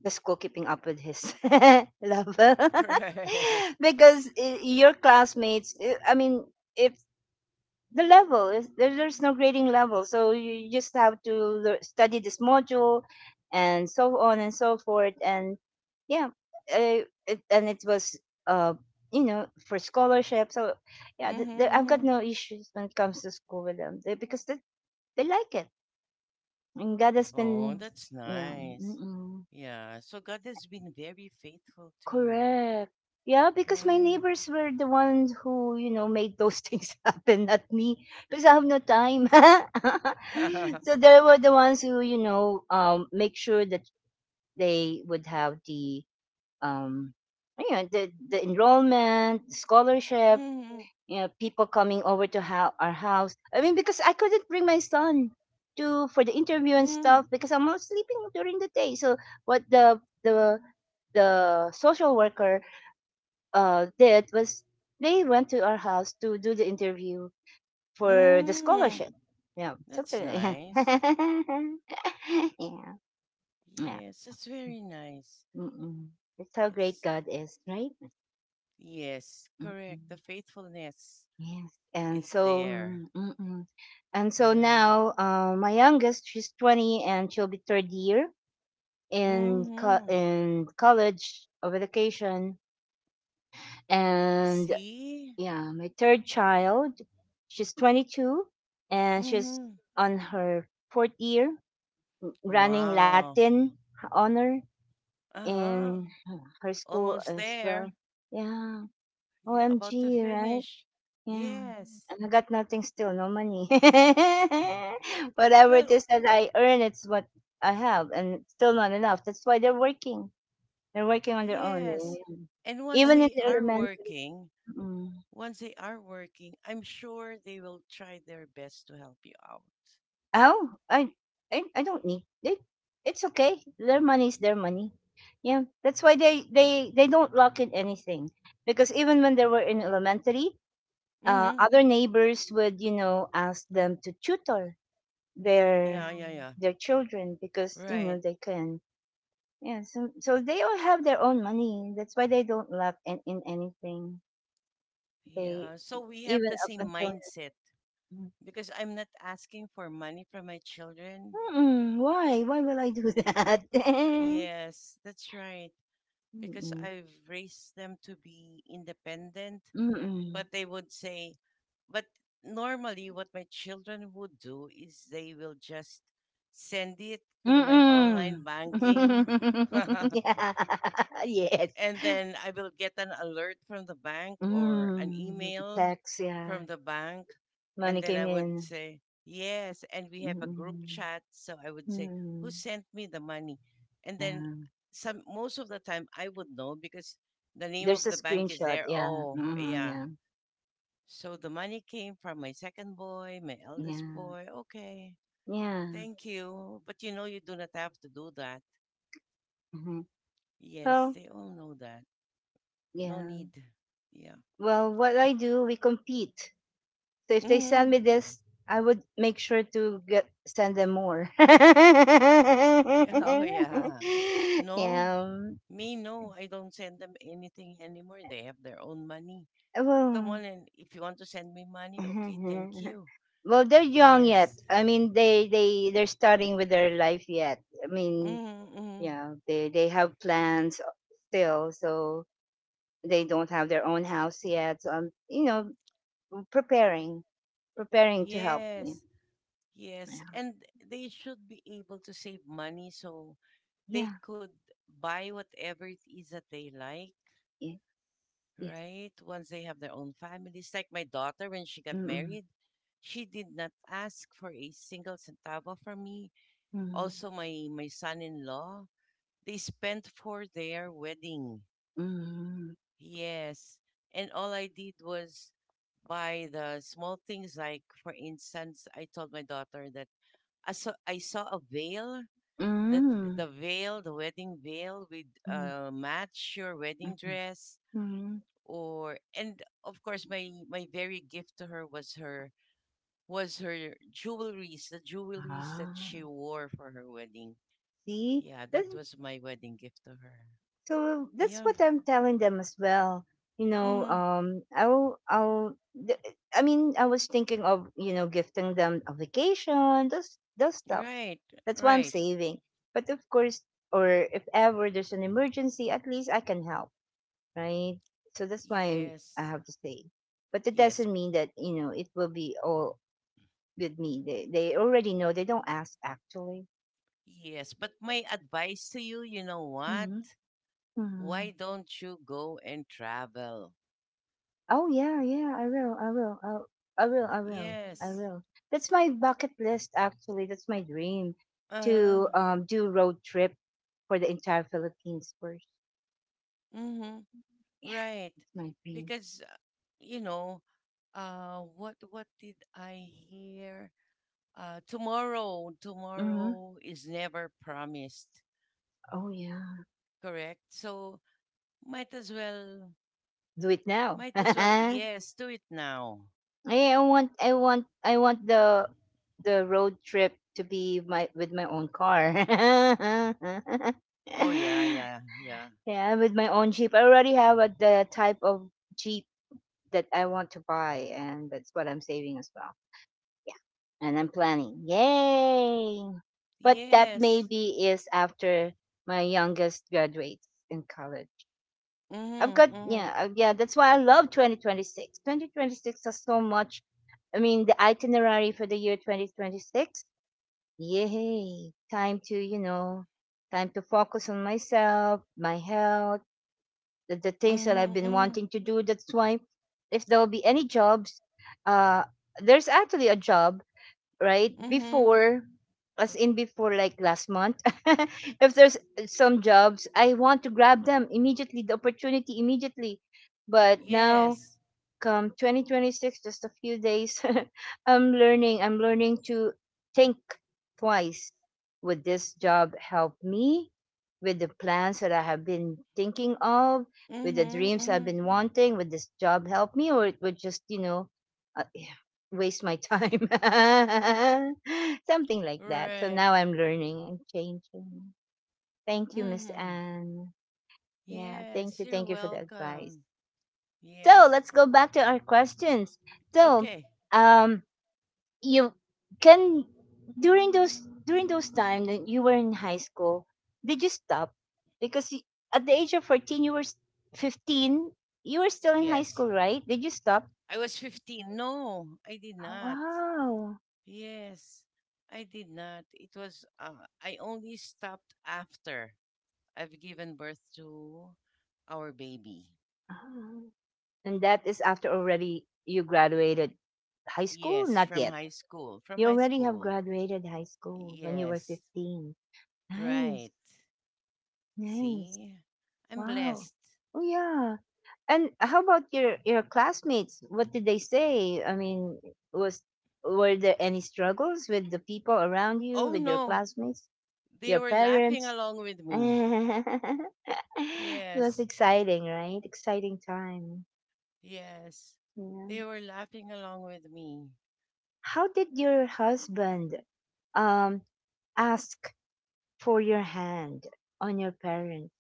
the school keeping up with his level Right. because your classmates I mean if the level is there, there's no grading level, so you just have to study this module and so on and so forth. And yeah uh, it, and it was, uh you know, for scholarship. So yeah, Mm-hmm, I've got mm-hmm. no issues when it comes to school with them. They, they like it, and God has Oh, been, that's yeah. nice. Mm-mm. Yeah. So God has been very faithful to you. Correct. Yeah, because my Right. neighbors were the ones who, you know, made those things happen, not me, because I have no time. Mm-hmm. So they were the ones who, you know, make sure that they would have um, you know, the enrollment, scholarship, you know, people coming over to our house. I mean, because I couldn't bring my son to for the interview and Mm-hmm. stuff because I'm not sleeping during the day. So what the social worker, did was they went to our house to do the interview for the Mm-hmm. scholarship. Yeah, That's something. nice. Yeah, yeah. Yeah. Yes, that's very nice. Mm-mm. That's how great Yes. God is, right? Yes, correct. The Mm-mm. faithfulness Yes. And is so, there. Mm-mm. And so Right. now, my youngest, she's 20, and she'll be third year Mm-hmm. in college of education, and See? yeah, my third child. She's 22 and she's Mm-hmm. on her fourth year running Wow. Latin honor Uh-huh. in her school Almost as well. there. Yeah. Yeah, about to OMG, right? finish. Yeah. Yes. And I got nothing still, no money. Whatever it Well, is that I earn, it's what I have, and it's still not enough. That's why they're working. They're working on their own. They, yes. And once even in they the are elementary. working, Mm. I'm sure they will try their best to help you out. Oh, I don't need it. It's okay. Their money is their money. Yeah, that's why they don't lock in anything because even when they were in elementary, Mm-hmm. other neighbors would you know ask them to tutor their Yeah, yeah, mm, yeah. their children because you know Right. they can. Yeah, so so they all have their own money. That's why they don't lock in anything. They Yeah. So we have even the up same until mindset because I'm not asking for money from my children. mm-mm, why will I do that? Yes, that's right. Because Mm-mm. I've raised them to be independent, Mm. but they would say, but normally what my children would do is they will just send it through my Mm. online banking. Yeah. Yes. And then I will get an alert from the bank or an Hmm, email tax, yeah. from the bank. And Money then I came would in. say, yes. And we have a group Mm. chat. So I would say, who Mm. sent me the money? And then, Yeah. some most of the time I would know because the name There's of a the bank is screenshot, there. yeah. Oh, Mm, yeah. yeah. So the money came from my second boy, my eldest Yeah. boy. Okay, Yeah. thank you. But you know, you do not have to do that. Mhm. Yes, Well, they all know that. No yeah. need. Yeah. Well, what I do, we compete. So if they send Mm-hmm. me this, I would make sure to get send them more. Oh, yeah. No, Yeah. me, no. I don't send them anything anymore. They have their own money. Come Well, on, and if you want to send me money, mhm, okay, mhm, thank mhm. you. Well, they're young yet. Yes. I mean, they're starting with their life yet. I mean, Mm-hmm, mm-hmm, yeah, they have plans still, so they don't have their own house yet. So I'm, you know, preparing, preparing to help. Yeah, yes. Yes. And they should be able to save money so they yeah, could buy whatever it is that they like, yeah, yes, yes. right? Once they have their own families. Like my daughter, when she got Mm, married, she did not ask for a single centavo from me. mm, Also, my son in law, they spent for their wedding. mm, Yes. And all I did was buy the small things. Like, for instance, I told my daughter that I saw a veil, mm, the veil, the wedding veil with mm, mm, match your wedding mm, dress, mm. or and of course my very gift to her was her was her jewelries, the jewelries that she Ah, wore for her wedding. see. Yeah, that That's was my wedding gift to her. so that's Yeah. what I'm telling them as well. You know, Mm-hmm. I mean, I was thinking of you know gifting them a vacation, those stuff. Right. That's why I'm Right. saving. But of course, or if ever there's an emergency, at least I can help, right? So that's why I Yes. have to save. But it Yes. doesn't mean that you know it will be all with me. They already know. They don't ask actually. Yes. But my advice to you, you know what? Mm-hmm. Mm-hmm. Why don't you go and travel? Mm. Oh yeah, yeah, I will, I'll, I will, I will, I Yes. will. That's my bucket list actually. That's my dream Uh to huh. Do road trip for the entire Philippines first. Mm hmm. Yeah, Right. that's my dream. Because you know, what did I hear? Tomorrow, Mm-hmm. tomorrow is never promised, Oh yeah, correct? So might as well, do it now. Yes, do it now. I want the road trip to be my with my own car. Oh yeah, yeah, yeah. Yeah, with my own Jeep. I already have the type of Jeep that I want to buy, and that's what I'm saving as well. Yeah, and I'm planning. Yay! But that Yes. maybe is after my youngest graduates in college. I've got Mm-hmm. Mm-hmm. yeah, yeah. That's why I love 2026. 2026 has so much. I mean, the itinerary for the year 2026. Yay! Time to you know, time to focus on myself, my health, the things that I've Mm-hmm. been Mm-hmm. wanting to do. That's why if there will be any jobs, uh, there's actually a job right Mm-hmm. before, as in before like last month. If there's some jobs, I want to grab them immediately, the opportunity immediately. But now Yes. come 2026, just a few days, I'm learning to think twice. Would this job help me with the plans that I have been thinking of, with the Mm-hmm. dreams I've Mm-hmm. been wanting? Would this job help me, or it would just you know, uh, waste my time. Something like that. So Right. now I'm learning and changing. Thank you, Miss Mm-hmm. Anne. Yeah, thank Yes, you. you're Thank you for the advice. welcome. So Yes. let's go back to our questions. So, Okay. um, you can during those time that you were in high school, did you stop? Because you, at the age of 14, you were 15. You were still in high Yes. school, right? Did you stop? I was 15. No, I did Oh, not. wow. Yes, I did not. It was, I only stopped after I've given birth to our baby. Ah. And that is after already you graduated high school? Yes, Not from yet. high school. From You high already have school. graduated high school when you were Yes, 15. Nice. right. Nice. See, I'm Wow. blessed. Oh yeah. And how about your classmates? What did they say? I mean, was were there any struggles with the people around you, Oh with your no, classmates, they your were laughing parents? along with me. It was Yes, exciting, right? Exciting time. yes, Yeah. they were laughing along with me. How did your husband um ask for your hand on your parents?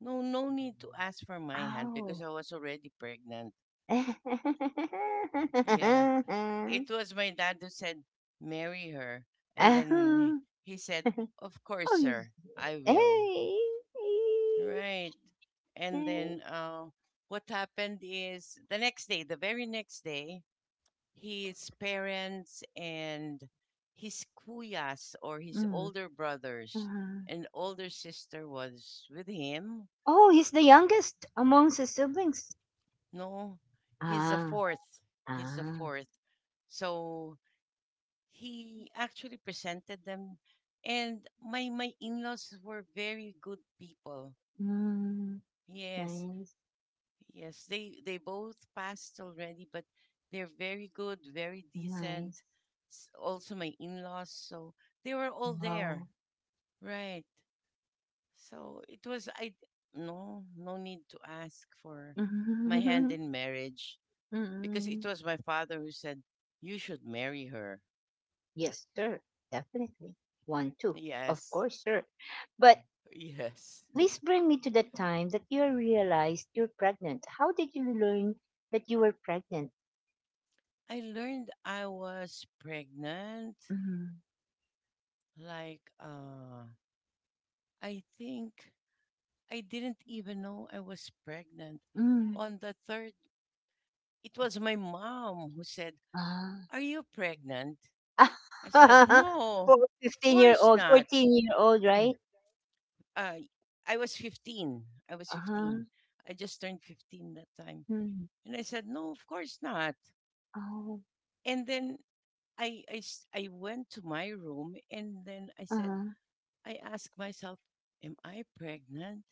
No, no need to ask for my hand because Oh. I was already pregnant. Yeah. Oh. It was my dad who said, marry her. And then Oh. he said, of course, You- sir, I will. eh. Right. And then what happened is the next day, the very next day, his parents and his kuyas or his Mm, older brothers huh. and older sister was with him. Oh, he's the youngest amongst his siblings. No, he's the Ah, fourth. He's the ah. fourth. So he actually presented them, and my in-laws were very good people. Mm, Yes, nice, yes, they both passed already, but they're very good, very nice. decent. S- also, my in-laws, so they were all there, Wow. right? So it was I, no no need to ask for my hand Mm. in marriage, because it was my father who said, You should marry her. Yes, sir. Definitely. One, two. Of Yes, course, sir. But yes. please bring me to the time that you realized you're pregnant. How did you learn that you were pregnant? I learned I was pregnant. Mm-hmm. Like, I think I didn't even know I was pregnant. Mm. On the third, it was my mom who said, Ah. Are you pregnant? I said, No, For of 15 year course old, not. 14-year-old, uh, right? I was 15. I was 15. Uh-huh. I just turned 15 that time. Mm. And I said, No, of course not. Oh, And then I went to my room and then I said, uh-huh. I asked myself, am I pregnant?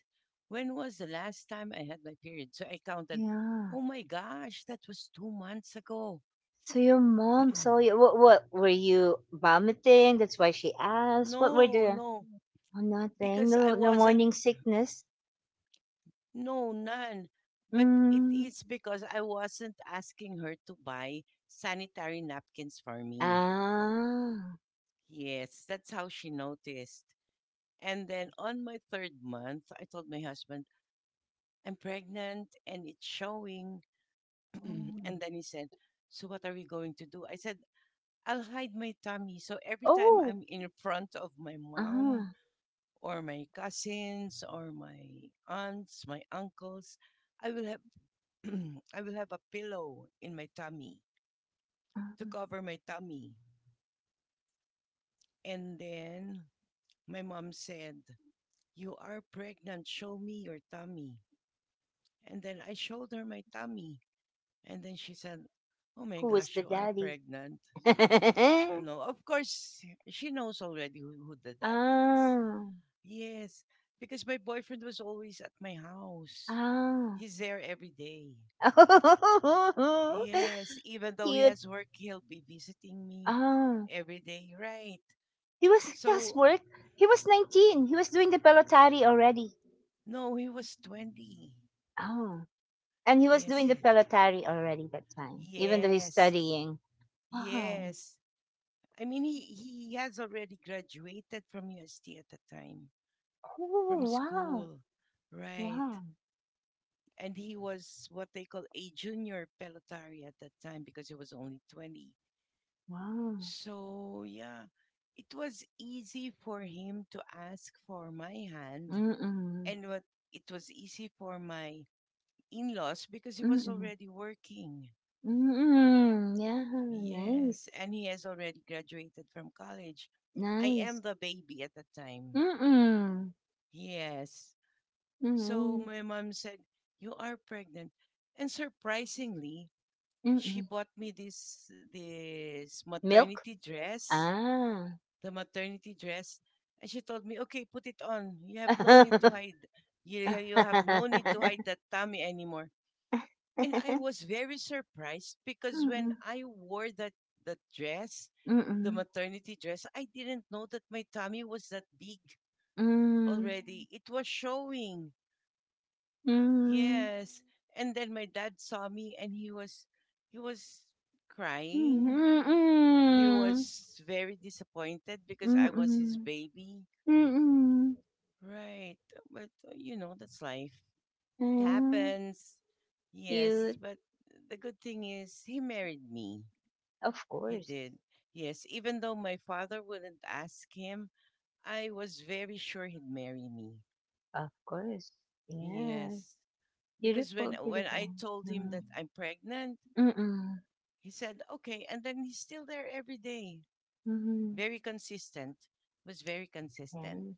When was the last time I had my period? So I counted, Yeah. oh my gosh, that was 2 months ago. So your mom saw you. What were you vomiting? That's why she asked. What were No, the, no, oh, nothing. because I No, no wasn't, morning sickness. no, none. But it Mm. is because I wasn't asking her to buy sanitary napkins for me. Ah. Yes, that's how she noticed. And then on my third month, I told my husband, I'm pregnant and it's showing. Mm. And then he said, So what are we going to do? I said, I'll hide my tummy. So every time Oh. I'm in front of my Uh-huh, mom or my cousins or my aunts, my uncles, I will have, I will have a pillow in my tummy to uh, cover my tummy. And then my mom said, You are pregnant, show me your tummy. And then I showed her my tummy. And then she said, Oh my who was gosh, the you are daddy? pregnant. No, of course, she knows already who the daddy is. Ah, Yes, because my boyfriend was always at my house. ah. He's there every day. Yes, even though he Cute. has work, he'll be visiting me Ah, every day, right? he was he has So, work. He was 19. He was doing the pelotari already. no, he was 20. Oh, and he was doing Yes, the pelotari already that time, even though he's yes, studying. Wow. yes. I mean, he has already graduated from UST at the time, Oh, from wow. school. Right. Wow. And he was what they call a junior pelotari at that time because he was only 20. Wow. So, yeah, it was easy for him to ask for my hand. Mm-mm. And what it was easy for my in laws because he was Mm-mm. already working. Mm, mm, yeah, nice, Yes. And he has already graduated from college. I nice. am the baby at the time. Mm, Yes. So nice. my mom said, "You are pregnant." And surprisingly, she Mm. bought me this Milk? maternity dress, Ah. the maternity dress, and she told me, "Okay, put it on. You have no need to hide. You have no need to hide that tummy anymore." And I was very surprised because when Mm, I wore that dress, the mm, maternity dress, I didn't know that my tummy was that big mm, already. It was showing. mm, Yes. And then my dad saw me and he was crying. mm, He was very disappointed because mm, I was his mm. baby. Right. But you know, that's life. It Mm, happens. Yes, cute. but the good thing is he married me. Of He course. did. Yes, even though my father wouldn't ask him, I was very sure he'd marry me. Of course. Yeah. Yes. Because when Beautiful, when I beautiful. told him Mm, that I'm pregnant, he said, okay. And then he's still there every day. mm, Very consistent. Was very consistent. mm.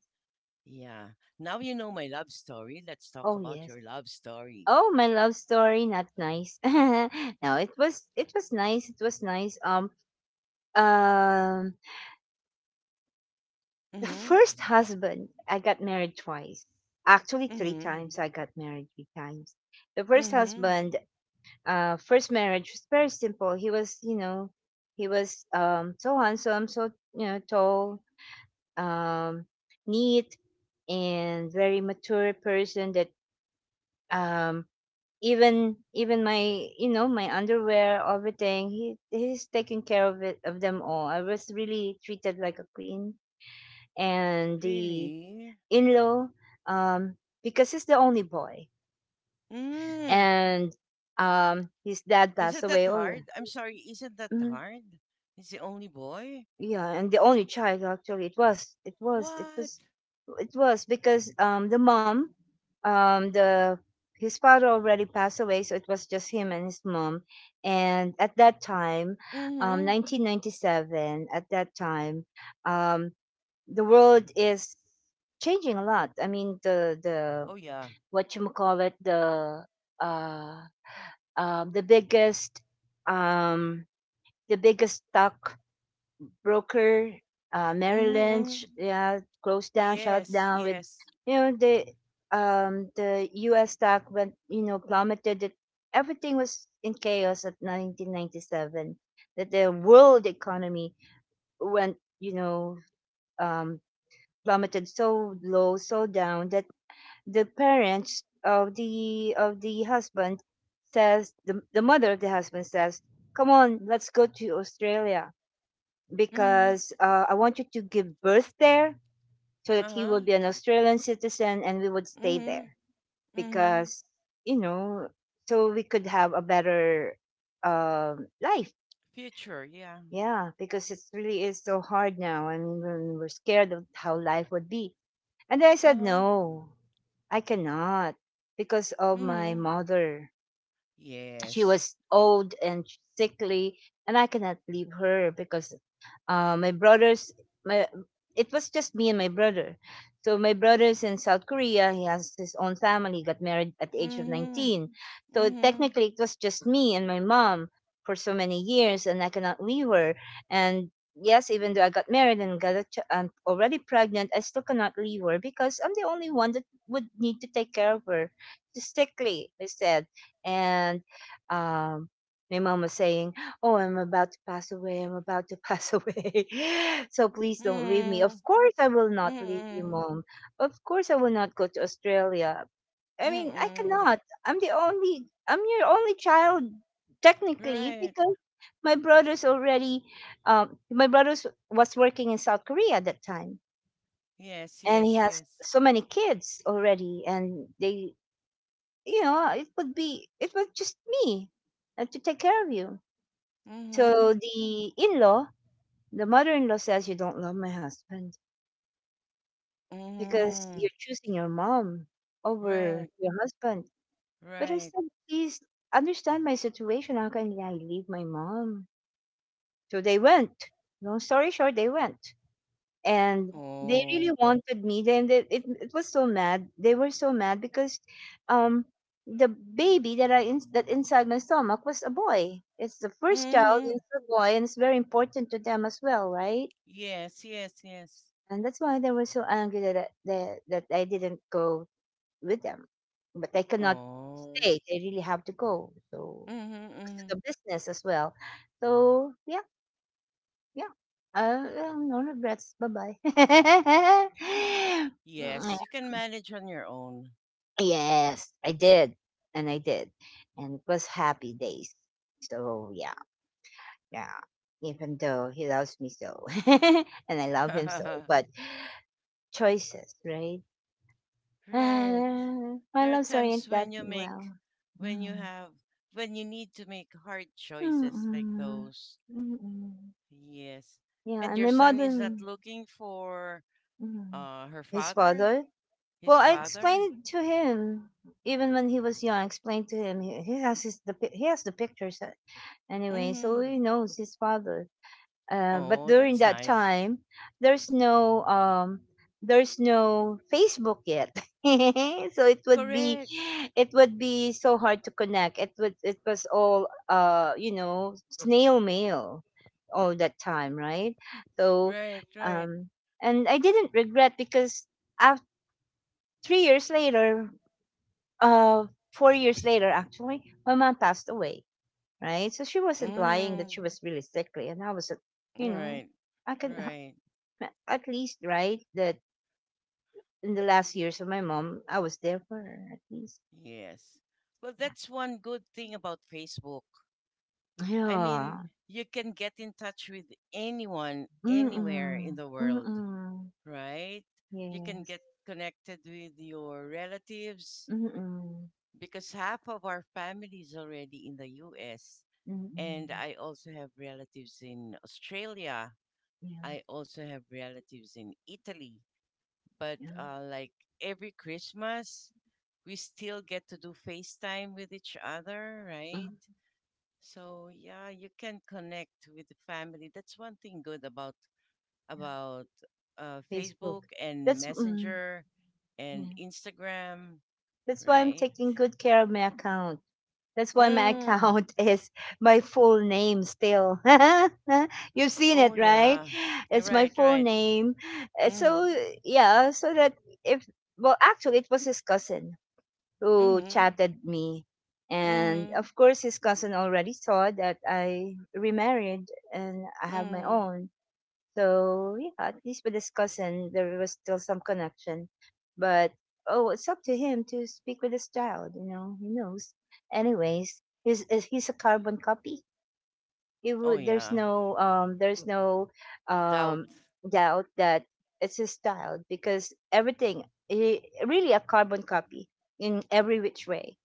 Yeah. Now you know my love story. Let's talk Oh about yes. your love story. Oh, my love story, not nice. No, it was nice. It was nice. Um, the Mm-hmm. first husband, I got married twice. Actually, three Mm-hmm. times. I got married three times. The first Mm-hmm. husband, first marriage was very simple. He was, you know, he was so handsome, so you know, tall, um, neat, and very mature person that um even my you know my underwear, everything, he's taking care of it of them all. I was really treated like a queen. And the Really? in-law, um because he's the only boy, Mm. and his dad passed Isn't that away, oh yeah. hard? I'm sorry, isn't that Mm-hmm. hard? He's the only boy? Yeah, and the only child actually. What? It was because the mom, the his father already passed away, so it was just him and his mom. And at that time, Mm-hmm. 1997, at that time, um the world is changing a lot. I mean, the Oh yeah. what you call it uh the biggest, um the biggest stock broker, Merrill Mm-hmm. Lynch, Mm-hmm. yeah, closed down, shut Yes, down with, yes. you know, the U.S. stock went, you know, plummeted. It, everything was in chaos at 1997. That the world economy went, you know, um, plummeted so low, so down that the parents of the of the husband the mother of the husband says, "Come on, let's go to Australia." Mm-hmm. Because I want you to give birth there so that he will Uh-huh. be an Australian citizen and we would stay Mm-hmm. there Mm-hmm. because, you know, so we could have a better life. Future, yeah. Yeah, because it really is so hard now. I mean, when we're scared of how life would be. And then I said, Uh-huh. no, I cannot because of my Mm-hmm. mother. She Yes. was old and sickly, and I cannot leave her because uh, my brothers, my, it was just me and my brother. So my brother's in South Korea. He has his own family. Got married at the age of Mhm. 19. So Mhm. technically, it was just me and my mom for so many years, and I cannot leave her. And yes, even though I got married and got a I'm already pregnant, I still cannot leave her because I'm the only one that would need to take care of her. She's sickly, I said, and um, my mom was saying, "Oh, I'm about to pass away. I'm about to pass away. So please don't leave me." Of Mhm. course, I will not leave you, Mhm. mom. Of course, I will not go to Australia. I mean, I Mhm. cannot. I'm your only child, technically, Right. because my brother's already, my brother's was working in South Korea at that time. Yes, And he yes, has yes. so many kids already. And they, you know, it would be, it was just me to take care of you. So Mhm. The mother in law says you don't love my husband because you're Mhm. choosing your mom over Right. your husband. But I Right. said, please understand my situation. How can I leave my mom? So they went. Long story short, they went. And they really Oh. wanted me. It was so mad. They were so mad because um, the baby that inside my stomach was a boy. It's the first child, Mhm. it's a boy, and it's very important to them as well, right? Yes, yes, yes. And that's why they were so angry that I didn't go with them. But I cannot Oh. stay. They really have to go. So Mhm. because of the Mhm. business as well. So yeah, yeah. No regrets. Bye bye. Yes, you can manage on your own. Yes, I did, and it was happy days. So yeah, yeah. Even though he loves me so, and I love him so, but choices, right? Right. My There are loves times aren't that when you make well. when you Hmm. have when you need to make hard choices like Mm. those. Mm. Yes. Yeah, And and your my son mother is not mm, looking for mm, her his father? father? Well, His I father? explained it to him even when he was young. I explained to him he has he has the pictures, anyway, so Mm. he knows his father. But Oh, during that's that nice. time, there's no um, there's no Facebook yet, so it would be, Correct. it would be so hard to connect. It was all you know, snail mail all that time, right? So, Right, right. um, and I didn't regret because after three years later, uh, 4 years later actually, my mom passed away. Right, so she wasn't lying that she Mm. was really sickly, and I was, you know, Right. I can. Right. At least, right? That in the last years of my mom, I was there for her at least. Yes. Well, Yeah. that's one good thing about Facebook. I mean, Yeah. you can get in touch with anyone anywhere in Mm-mm. the world, Mm-mm. right? You can Yes. get connected with your relatives, Mm-mm. because half of our family is already in the US. And Mm-mm. I also have relatives in Australia. Yeah. I also have relatives in Italy. But Yeah. Like every Christmas, we still get to do FaceTime with each other, right? Mm. So yeah, you can connect with the family. That's one thing good about Yeah. about Facebook. Facebook and That's mm, Messenger and yeah. Instagram, That's why I'm right? taking good care of my account. That's why my Mm. account is my full name still. You've seen Oh it, right? yeah, you're It's my right, full right. name. So, Mhm, yeah, so that if, well, actually, it was his cousin who mhm, chatted me. And mhm, of course, his cousin already saw that I remarried and I have my mhm. own. So yeah, at least with his cousin, there was still some connection. But oh, it's up to him to speak with his child. You know, he knows. Anyways, he's a carbon copy. Oh There's yeah, no there's no doubt. um doubt that it's his child because everything he really a carbon copy in every which way.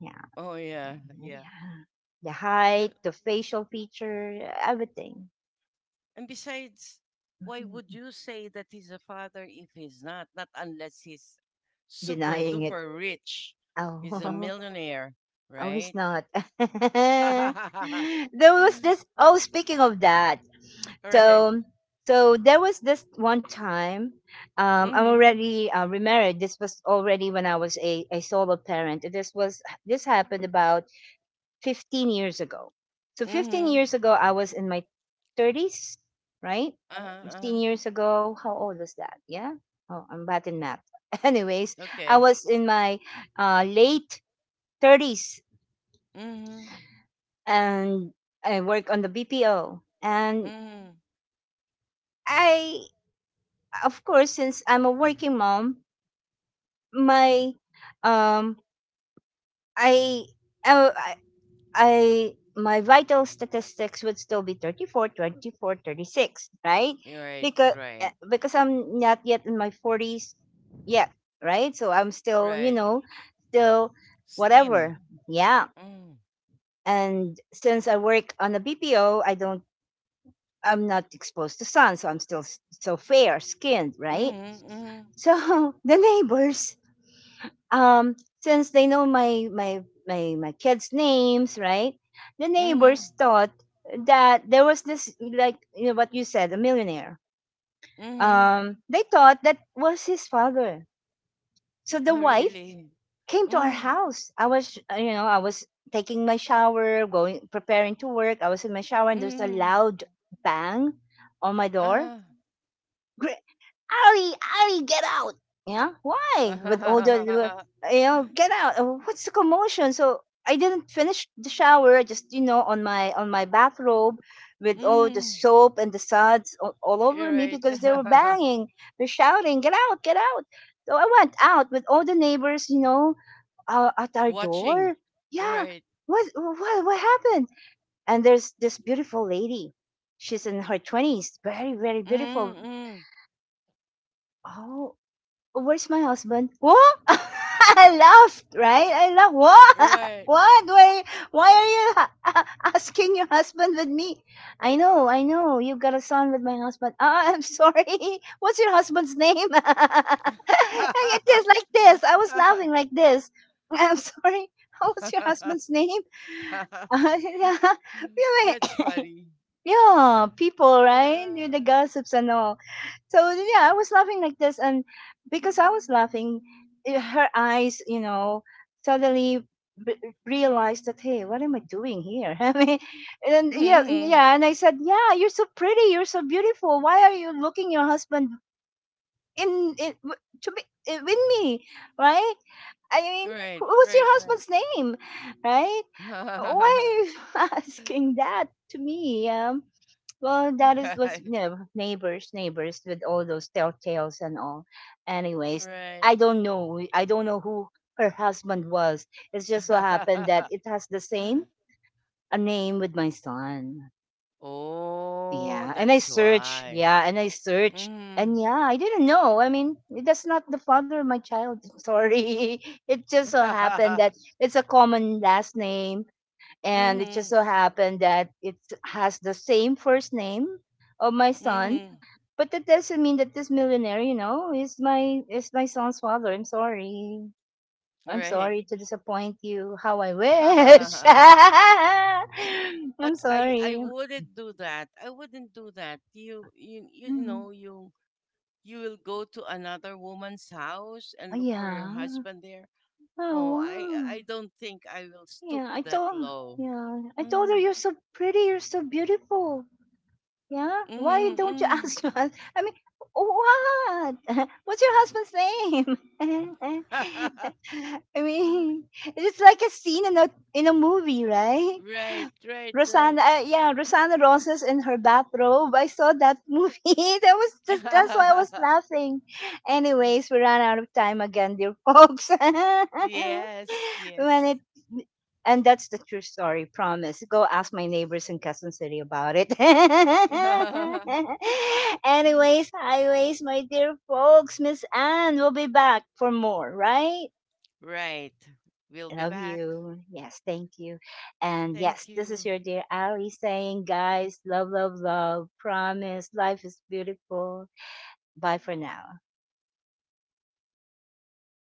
Yeah, Oh yeah, yeah. yeah. The Well, height, the facial feature, everything. and besides, why would Mhm. you say that he's a father if he's not? Not unless he's super Denying it. duper rich. He's a Oh. millionaire, Oh, he's right? not. There was this. Oh, speaking of that, All right. so so there was this one time. I'm Mhm, already remarried. This was already when I was a solo parent. This happened about 15 years ago. So 15 mhm. years ago, I was in my 30s, right? Uh huh. 15 Uh-huh. years ago. How old was that? Yeah. Oh, I'm bad in math. Anyways, I Okay. was in my late 30s Mhm, and I work on the BPO. And mhm. I, of course, since I'm a working mom, my um, I, I, I I- my vital statistics would still be 34, 24, 36, right? You're right, Because right, because I'm not yet in my 40s yet, right? So I'm still, you right. know, still Slim. whatever. Yeah. Mm. And since I work on a BPO, I'm not exposed to sun, so I'm still so fair skinned, right? Mm-hmm. Mm-hmm. So the neighbors, um, since they know my kids' names, right? The Mm-hmm. neighbors thought that there was this, like, you know, what you said, a millionaire. Mm-hmm. They thought that was his father. So the Oh, wife really? came to our Mm. house. I was, I was taking my shower, going preparing to work. I was in my shower, and there's a Mm. loud bang on my door. Uh-huh. Gr- Ali, Ali, get out. Yeah, why? With all the- You know, get out. Oh, what's the commotion? So I didn't finish the shower. Just you know, on my bathrobe, with all the Mm. soap and the suds all over You're me right. because they were banging, they're shouting, get out, get out. So I went out with all the neighbors, you know, at our Watching. door. Yeah, Right. what what happened? And there's this beautiful lady. She's in her twenties, very very beautiful. Mm-mm. Oh, where's my husband? What? I laughed, right? I laughed. What? Right. What? Why? Why are you ha- asking your husband with me? I know, I know. You got a son with my husband. Ah, I'm sorry. What's your husband's name? I get this like this. I was laughing like this. I'm sorry. What's your husband's name? Yeah, That's funny. yeah, people, right? The Yeah. gossips and all. So yeah, I was laughing like this, and because I was laughing, eh, her eyes, you know, suddenly b- realized that, hey, what am I doing here? I mean, and yeah, Mm-hmm. yeah, and I said, yeah, you're so pretty, you're so beautiful. Why are you looking your husband in w- to be eh, with me, right? I mean, Right, what's your right, right. husband's name, right? Why are you asking that to me? Well, that is what's you Right, know, neighbors, neighbors with all those telltales and all. Anyways, right. I don't know. I don't know who her husband was. It's just so happened that it has the same a name with my son. Oh, Yeah, and I that's search. why. Yeah, and I search. Mm. And yeah, I didn't know. I mean, that's not the father of my child. Sorry. It just so happened that it's a common last name, and it just Mhm. so happened that it has the same first name of my son, Mhm. but that doesn't mean that this millionaire, you know, is my son's father. I'm sorry. I'm Right. sorry to disappoint you. How I wish. But I'm I sorry. wouldn't do that. I wouldn't do that. You Mm. know you you will go to another woman's house and Oh, look for your yeah. husband there. Oh, Oh I wow. don't think I will stoop Yeah, I that told, low. yeah. I told her, Mm. you're so pretty, you're so beautiful. Yeah, why Mhm. don't you Mm. ask your husband? I mean, what? What's your husband's name? I mean, it's like a scene in a, in a movie, right? Right, right, right. Rosanna, yeah, Rosanna Roses in her bathrobe. I saw that movie. That was just, that's why I was laughing. Anyways, we ran out of time again, dear folks. Yes, When yes. it, and that's the true story, promise. Go ask my neighbors in Quezon City about it. Anyways, highways, my dear folks, Miss Anne will be back for more, right? Right. We'll be Love back. you. Yes, thank you. And Thank yes, this is you. your dear Ali saying, guys, love, love, love. Promise. Life is beautiful. Bye for now.